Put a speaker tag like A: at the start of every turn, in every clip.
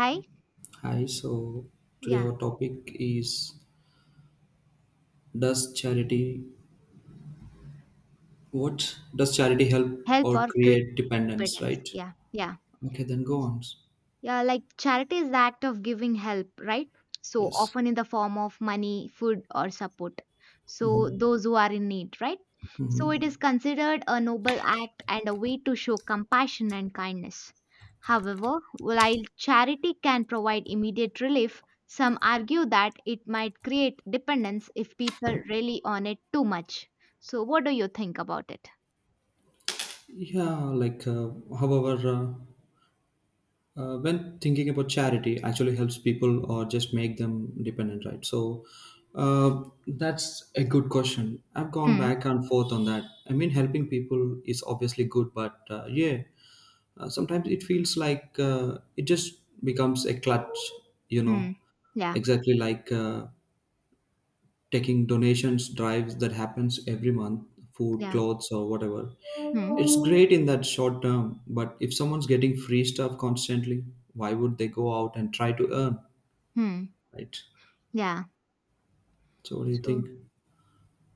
A: Hi?
B: Hi, so today
A: Yeah.
B: our topic is does charity what does charity help
A: Help
B: or
A: or create
B: create dependence,
A: dependence.
B: right?
A: Yeah. Yeah.
B: Okay, then go on.
A: Yeah. Like charity is the act of giving help, right? So
B: Yes.
A: often in the form of money, food, or support. So
B: hmm
A: those who are in need, right? So
B: hmm
A: it is considered a noble act and a way to show compassion and kindness. However, while charity can provide immediate relief, some argue that it might create dependence if people rely on it too much. So, what do you think about it?
B: Yeah, like however, uh, when thinking about charity actually helps people or just make them dependent, right? So that's a good question. I've gone
A: Mm,
B: back and forth on that. I mean, helping people is obviously good, but yeah, sometimes it feels like it just becomes a clutch you
A: mm,
B: know
A: yeah.
B: exactly, like taking donations drives that happens every month, food,
A: Yeah.
B: clothes, or whatever.
A: Hmm.
B: It's great in that short term, but if someone's getting free stuff constantly, why would they go out and try to earn,
A: Hmm.
B: right?
A: Yeah.
B: So what do you
A: So,
B: think?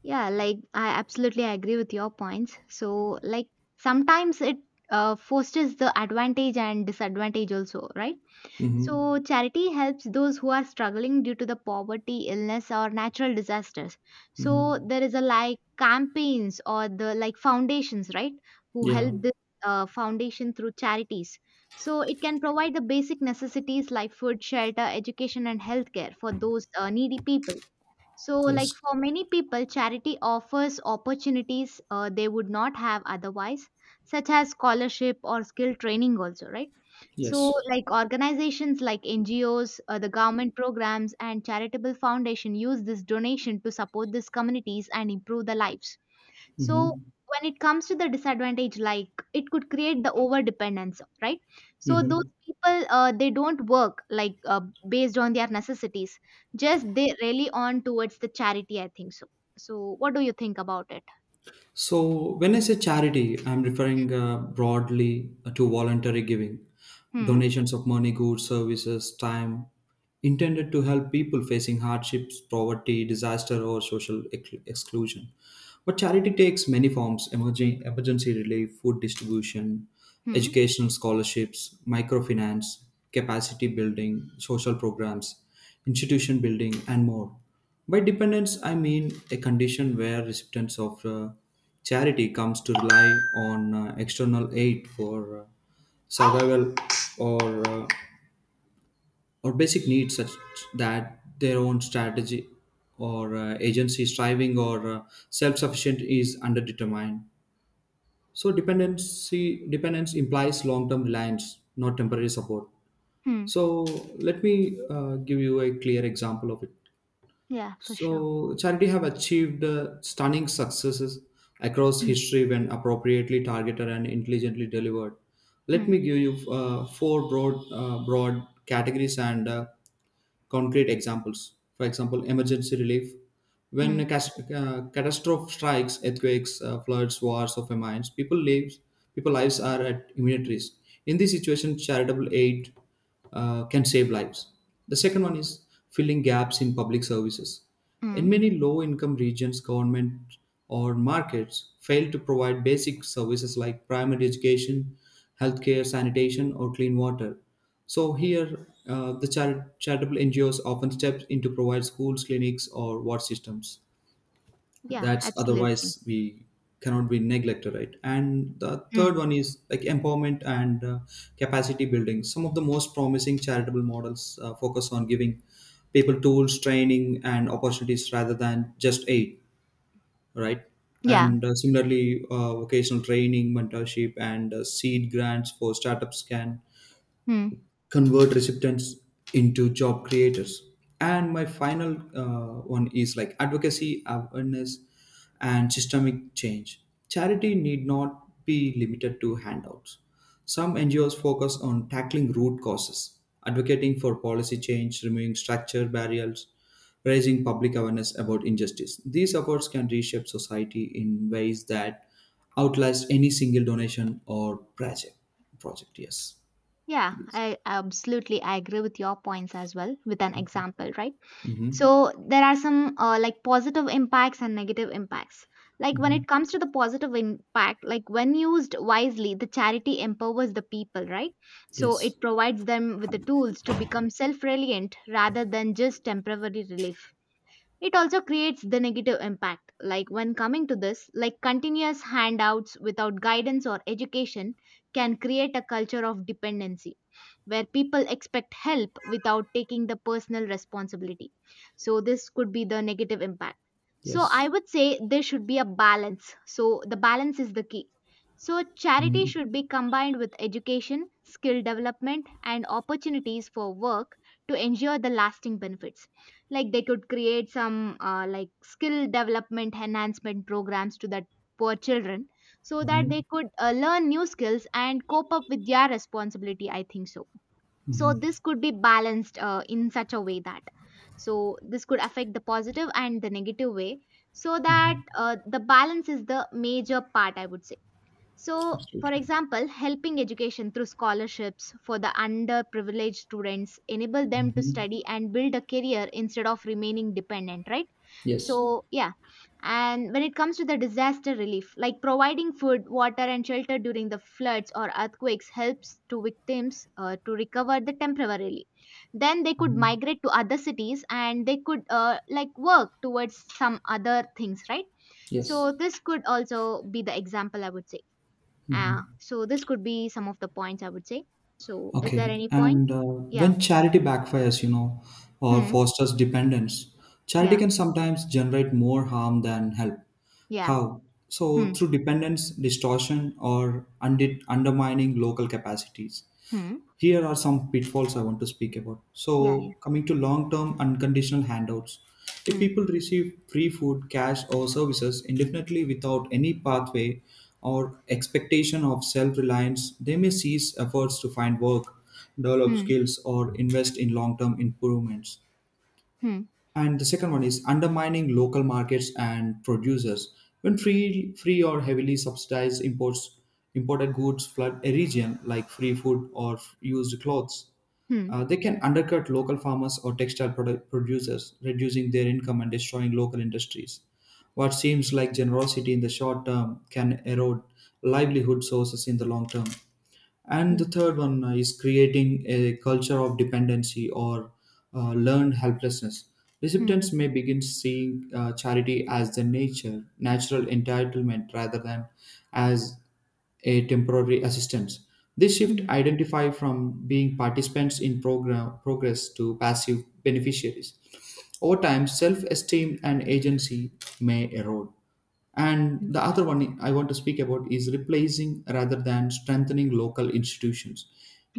A: yeah, like I absolutely agree with your points. So, like sometimes it fosters the advantage and disadvantage also, right?
B: Mm-hmm.
A: So, charity helps those who are struggling due to the poverty, illness, or natural disasters. So,
B: Mm-hmm.
A: there is a like campaigns or the like foundations, right, who
B: Yeah.
A: help this foundation through charities. So, it can provide the basic necessities like food, shelter, education, and healthcare for those needy people. So, like
B: Yes.
A: for many people, charity offers opportunities they would not have otherwise, such as scholarship or skill training, also, right? So,
B: Yes.
A: like organizations like NGOs, the government programs, and charitable foundation use this donation to support these communities and improve their lives. So
B: Mm-hmm.
A: when it comes to the disadvantage, like it could create the over dependence, right? So those
B: Mm-hmm.
A: people they don't work like based on their necessities, just they rely on towards the charity. I think so. So what do you think about it?
B: So, when I say charity, I'm referring broadly to voluntary giving,
A: Hmm.
B: donations of money, goods, services, time, intended to help people facing hardships, poverty, disaster, or social exclusion. But charity takes many forms: emergency relief, food distribution,
A: Hmm.
B: educational scholarships, microfinance, capacity building, social programs, institution building, and more. By dependence, I mean a condition where recipients of charity comes to rely on external aid for survival or uh, or basic needs such that their own strategy or agency, striving, or self-sufficient is underdetermined. So dependency dependence implies long-term reliance, not temporary support.
A: Hmm.
B: So let me give you a clear example of it.
A: Yeah, for sure.
B: So charity have achieved stunning successes across
A: Hmm.
B: history when appropriately targeted and intelligently delivered. Let
A: Hmm.
B: me give you four broad broad categories and concrete examples. For example, emergency relief. When
A: Hmm.
B: a catastrophe strikes, earthquakes, floods, wars, or famines, people lives are at immediate risk. In this situation, charitable aid can save lives. The second one is filling gaps in public services.
A: Hmm.
B: In many low income regions, government or markets fail to provide basic services like primary education, healthcare, sanitation, or clean water. So, here charitable NGOs often step in to provide schools, clinics, or water systems
A: Yeah,
B: that's
A: absolutely.
B: otherwise we cannot be neglected, right? And the
A: Hmm.
B: third one is like empowerment and capacity building. Some of the most promising charitable models focus on giving people tools, training, and opportunities rather than just aid, right?
A: Yeah.
B: And similarly vocational training, mentorship, and seed grants for startups can
A: Hmm.
B: convert recipients into job creators. And my final one is like advocacy, awareness, and systemic change. Charity need not be limited to handouts. Some NGOs focus on tackling root causes, advocating for policy change, removing structure barriers, raising public awareness about injustice. These efforts can reshape society in ways that outlast any single donation or project. Yes.
A: Yeah, I absolutely I agree with your points as well with an example, right?
B: Mhm.
A: So there are some like positive impacts and negative impacts, like when it comes to the positive impact, like when used wisely, the charity empowers the people, right? So
B: Yes.
A: it provides them with the tools to become self-reliant rather than just temporary relief. It also creates the negative impact, like when coming to this, like continuous handouts without guidance or education can create a culture of dependency where people expect help without taking the personal responsibility. So, this could be the negative impact. So, I
B: Yes.
A: would say there should be a balance. So, the balance is the key. So, charity
B: Mhm.
A: should be combined with education, skill development, and opportunities for work to ensure the lasting benefits, like they could create some like skill development enhancement programs to that poor children, so that they
B: Mhm.
A: could learn new skills and cope up with their responsibility, I think so. So
B: Mhm.
A: this could be balanced in such a way that, so this could affect the positive and the negative way, so that
B: Mhm.
A: the balance is the major part, I would say. So, for
B: Absolutely.
A: example, helping education through scholarships for the underprivileged students enable them to
B: Mhm.
A: study and build a career instead of remaining dependent, right?
B: Yes.
A: So, yeah. And when it comes to the disaster relief, like providing food, water, and shelter during the floods or earthquakes helps to victims to recover the temporarily. Then they could
B: Mhm.
A: migrate to other cities and they could like work towards some other things, right?
B: Yes.
A: So this could also be the example, I would say. So this could be some of the points, I would say. So is there
B: Okay.
A: any point?
B: And
A: Yeah.
B: when charity backfires, or
A: Hmm.
B: fosters dependence, charity
A: Yeah.
B: can sometimes generate more harm than help.
A: Yeah.
B: How? So,
A: Hmm.
B: through dependence, distortion, or undermining local capacities.
A: Hmm.
B: Here are some pitfalls I want to speak about.
A: Yeah. Yeah.
B: So, coming to long term unconditional handouts, if
A: Hmm.
B: people receive free food, cash, or services indefinitely without any pathway or expectation of self reliance, they may cease efforts to find work, develop
A: Hmm.
B: skills, or invest in long term improvements.
A: Hmm.
B: And the second one is undermining local markets and producers. When free or heavily subsidized imports imported goods flood a region, like free food or used clothes,
A: Hmm.
B: they can undercut local farmers or textile product producers, reducing their income and destroying local industries. What seems like generosity in the short term can erode livelihood sources in the long term. And
A: Hmm.
B: the third one is creating a culture of dependency or learned helplessness.
A: Hmm.
B: Recipients may begin seeing charity as the natural entitlement rather than as a temporary assistance. This shift
A: Hmm.
B: identify from being participants in program progress to passive beneficiaries. Over time, self-esteem and agency may erode. And
A: Hmm.
B: the other one I want to speak about is replacing rather than strengthening local institutions.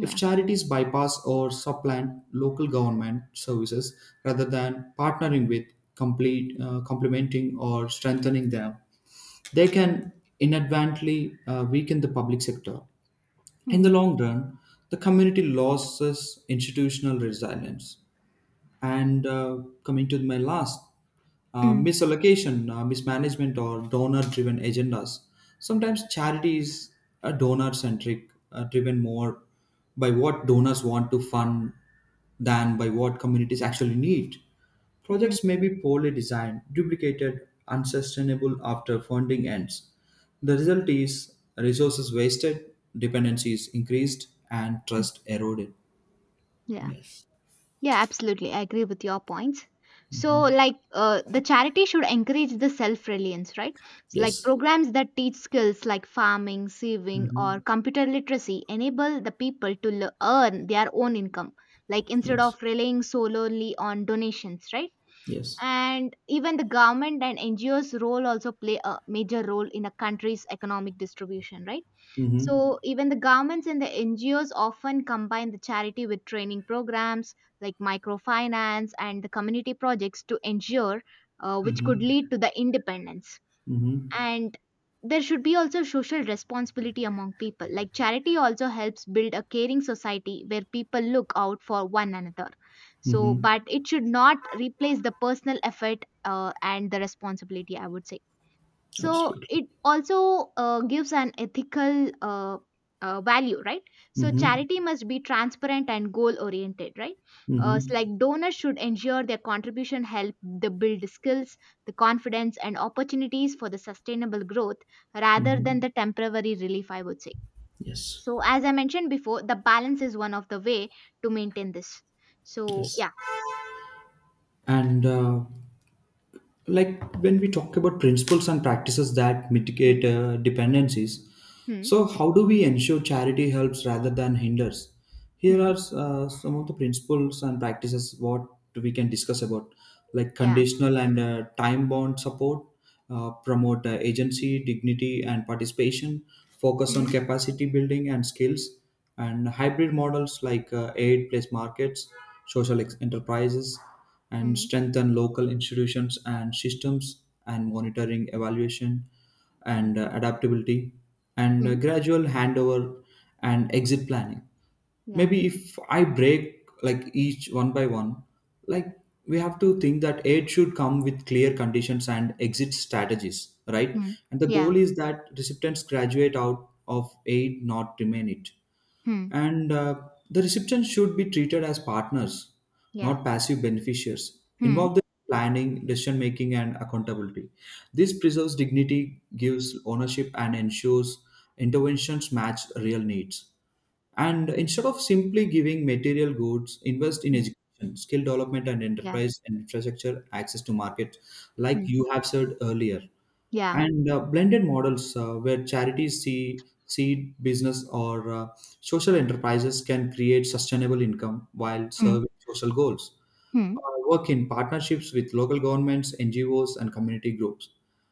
B: If charities bypass or supplant local government services rather than partnering with, complementing, or strengthening them, they can inadvertently weaken the public sector. In
A: Hmm.
B: the long run, the community loses institutional resilience. And coming to my last,
A: Hmm.
B: misallocation, mismanagement, or donor driven agendas. Sometimes charity is a donor centric, driven more by what donors want to fund than by what communities actually need.
A: Hmm.
B: Projects may be poorly designed, duplicated, unsustainable after funding ends. The result is resources wasted, dependencies increased, and
A: Hmm.
B: trust eroded.
A: Yeah.
B: Yes.
A: Yeah, absolutely. I agree with your points. So, like, the charity should encourage the self reliance, right? So, like,
B: Yes.
A: programs that teach skills like farming, saving, or
B: Mhm.
A: computer literacy enable the people to earn their own income, like, instead
B: Yes.
A: of relying solely on donations, right?
B: Yes.
A: And even the government and NGOs' role also play a major role in a country's economic distribution, right?
B: Mhm.
A: So even the governments and the NGOs often combine the charity with training programs like microfinance and the community projects to ensure which could
B: Mhm.
A: lead to the independence.
B: Mhm.
A: And there should be also social responsibility among people. Like charity also helps build a caring society where people look out for one another. So,
B: Mhm.
A: but it should not replace the personal effort and the responsibility, I would say. So
B: Absolutely.
A: it also gives an ethical value, right? So
B: Mhm.
A: charity must be transparent and goal oriented, right? It's
B: Mhm.
A: like donors should ensure their contribution help the build skills, the confidence and opportunities for the sustainable growth rather than
B: Mhm.
A: the temporary relief, I would say.
B: Yes.
A: So as I mentioned before, the balance is one of the way to maintain this. So yeah.
B: Yes. And like when we talk about principles and practices that mitigate
A: Hmm.
B: dependencies,
A: Hmm.
B: so how do we ensure charity helps rather than hinders? Here
A: Hmm.
B: are some of the principles and practices what we can discuss about: like
A: Yeah.
B: conditional and time bound support, promote agency, dignity, and participation, focus on
A: Hmm.
B: capacity building and skills, and hybrid models like aid plus markets, social enterprises, and
A: Hmm.
B: strengthen local institutions and systems, and monitoring evaluation,
A: Hmm.
B: and adaptability, and
A: Hmm.
B: gradual handover, and exit planning.
A: Yeah.
B: Maybe if I break like each one by one, like, we have to think that aid should come with clear conditions and exit strategies, right?
A: Hmm.
B: And the
A: Yeah.
B: goal is that recipients graduate out of aid, not remain it.
A: Hmm.
B: And the recipients should be treated as partners,
A: Yeah.
B: not passive beneficiaries.
A: Hmm.
B: Involve them in planning, decision making, and accountability. This preserves dignity, gives ownership, and ensures interventions match real needs. And instead of simply giving material goods, invest in
A: Mm.
B: education, skill development, and
A: Yeah.
B: enterprise and infrastructure access to market, like
A: Hmm.
B: you have said earlier.
A: Yeah.
B: And blended models where charities, seed business, or social enterprises can create sustainable income while
A: Hmm.
B: serving social goals.
A: Hmm.
B: uh, Work in partnerships with local governments, NGOs, and community groups,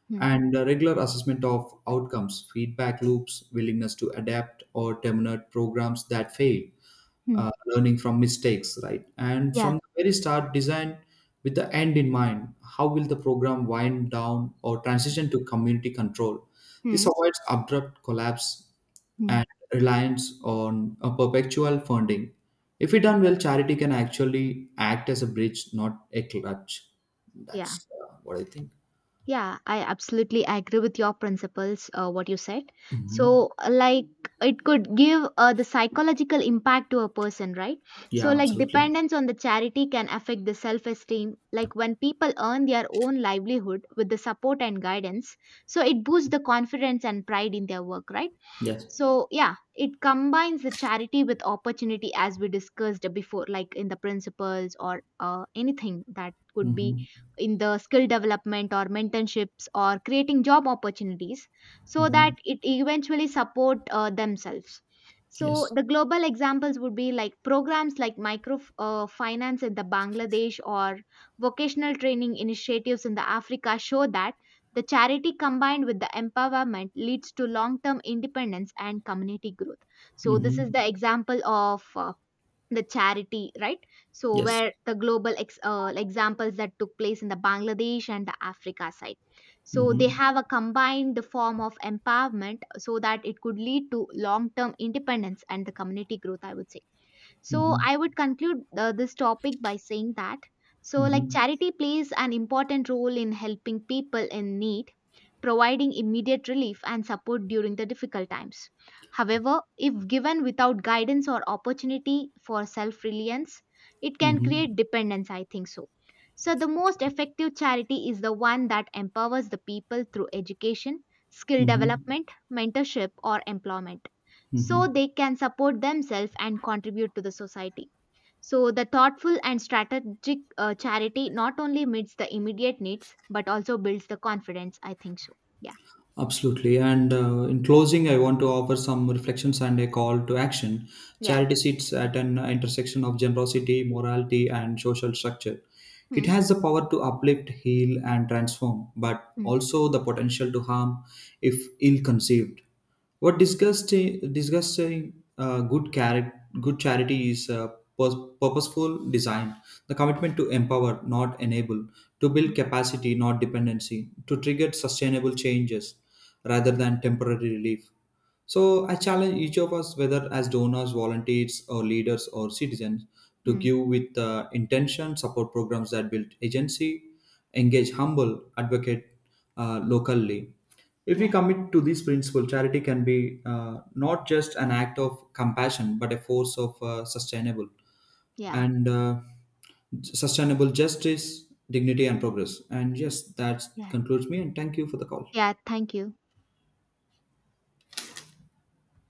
A: Hmm.
B: and regular assessment of outcomes, feedback loops, willingness to adapt, or terminate programs that fail,
A: Hmm.
B: learning from mistakes, right? And
A: Yeah.
B: from the very start, design with the end in mind. How will the program wind down or transition to community control? This
A: Hmm.
B: avoids abrupt collapse
A: Hmm.
B: and reliance on a perpetual funding. If it done well, charity can actually act as a bridge, not a clutch.
A: Yeah.
B: That's what I think.
A: Yeah. I absolutely agree with your principles. What you said.
B: Hmm.
A: So, like, it could give the psychological impact to a person, right?
B: Yeah,
A: So, like,
B: absolutely.
A: dependence on the charity can affect the self-esteem. Like, when people earn their own livelihood with the support and guidance, so it boosts the confidence and pride in their work, right?
B: Yes.
A: So, yeah, it combines the charity with opportunity as we discussed before, like in the principles or anything that could be
B: Hmm.
A: in the skill development or mentorships or creating job opportunities so
B: Hmm.
A: that it eventually support themselves. So
B: Yes.
A: the global examples would be like programs like micro finance in the Bangladesh or vocational training initiatives in the Africa show that the charity combined with the empowerment leads to long term independence and community growth. So, this is
B: Hmm.
A: the example of the charity, right? So,
B: Yes.
A: where the examples that took place in the Bangladesh and the Africa side. So, they
B: Hmm.
A: have a combined form of empowerment so that it could lead to long term independence and the community growth, I would say. So
B: Hmm.
A: I would conclude this topic by saying that, so like
B: Hmm.
A: charity plays an important role in helping people in need, providing immediate relief and support during the difficult times. However, if given without guidance or opportunity for self-reliance, it can
B: Mhm.
A: create dependence, I think so. So the most effective charity is the one that empowers the people through education, skill
B: Mhm.
A: development, mentorship or employment so
B: Mhm.
A: they can support themselves and contribute to the society. So, the thoughtful and strategic charity not only meets the immediate needs but also builds the confidence. I think so. Yeah.
B: Absolutely. And in closing, I want to offer some reflections and a call to action.
A: Yeah.
B: Charity sits at an intersection of generosity, morality, and social structure. It
A: Hmm.
B: has the power to uplift, heal, and transform, but
A: Hmm.
B: also the potential to harm if ill conceived. What good charity is purposeful design, the
A: Yeah.
B: commitment to empower, not enable, to build
A: Hmm.
B: capacity, not dependency, to trigger sustainable changes rather
A: Yeah.
B: than temporary relief. So I challenge each of us, whether as donors, volunteers, or leaders or citizens, to
A: Hmm.
B: give with intention, support programs that build agency, engage humble, advocate locally. If we
A: Yeah.
B: commit to this principle, charity can be not just an act of compassion, but a force of
A: Yeah.
B: and uh, sustainable justice, dignity, and progress. And yes, that
A: Yeah.
B: concludes me. And thank you for the call.
A: Yeah. Thank you.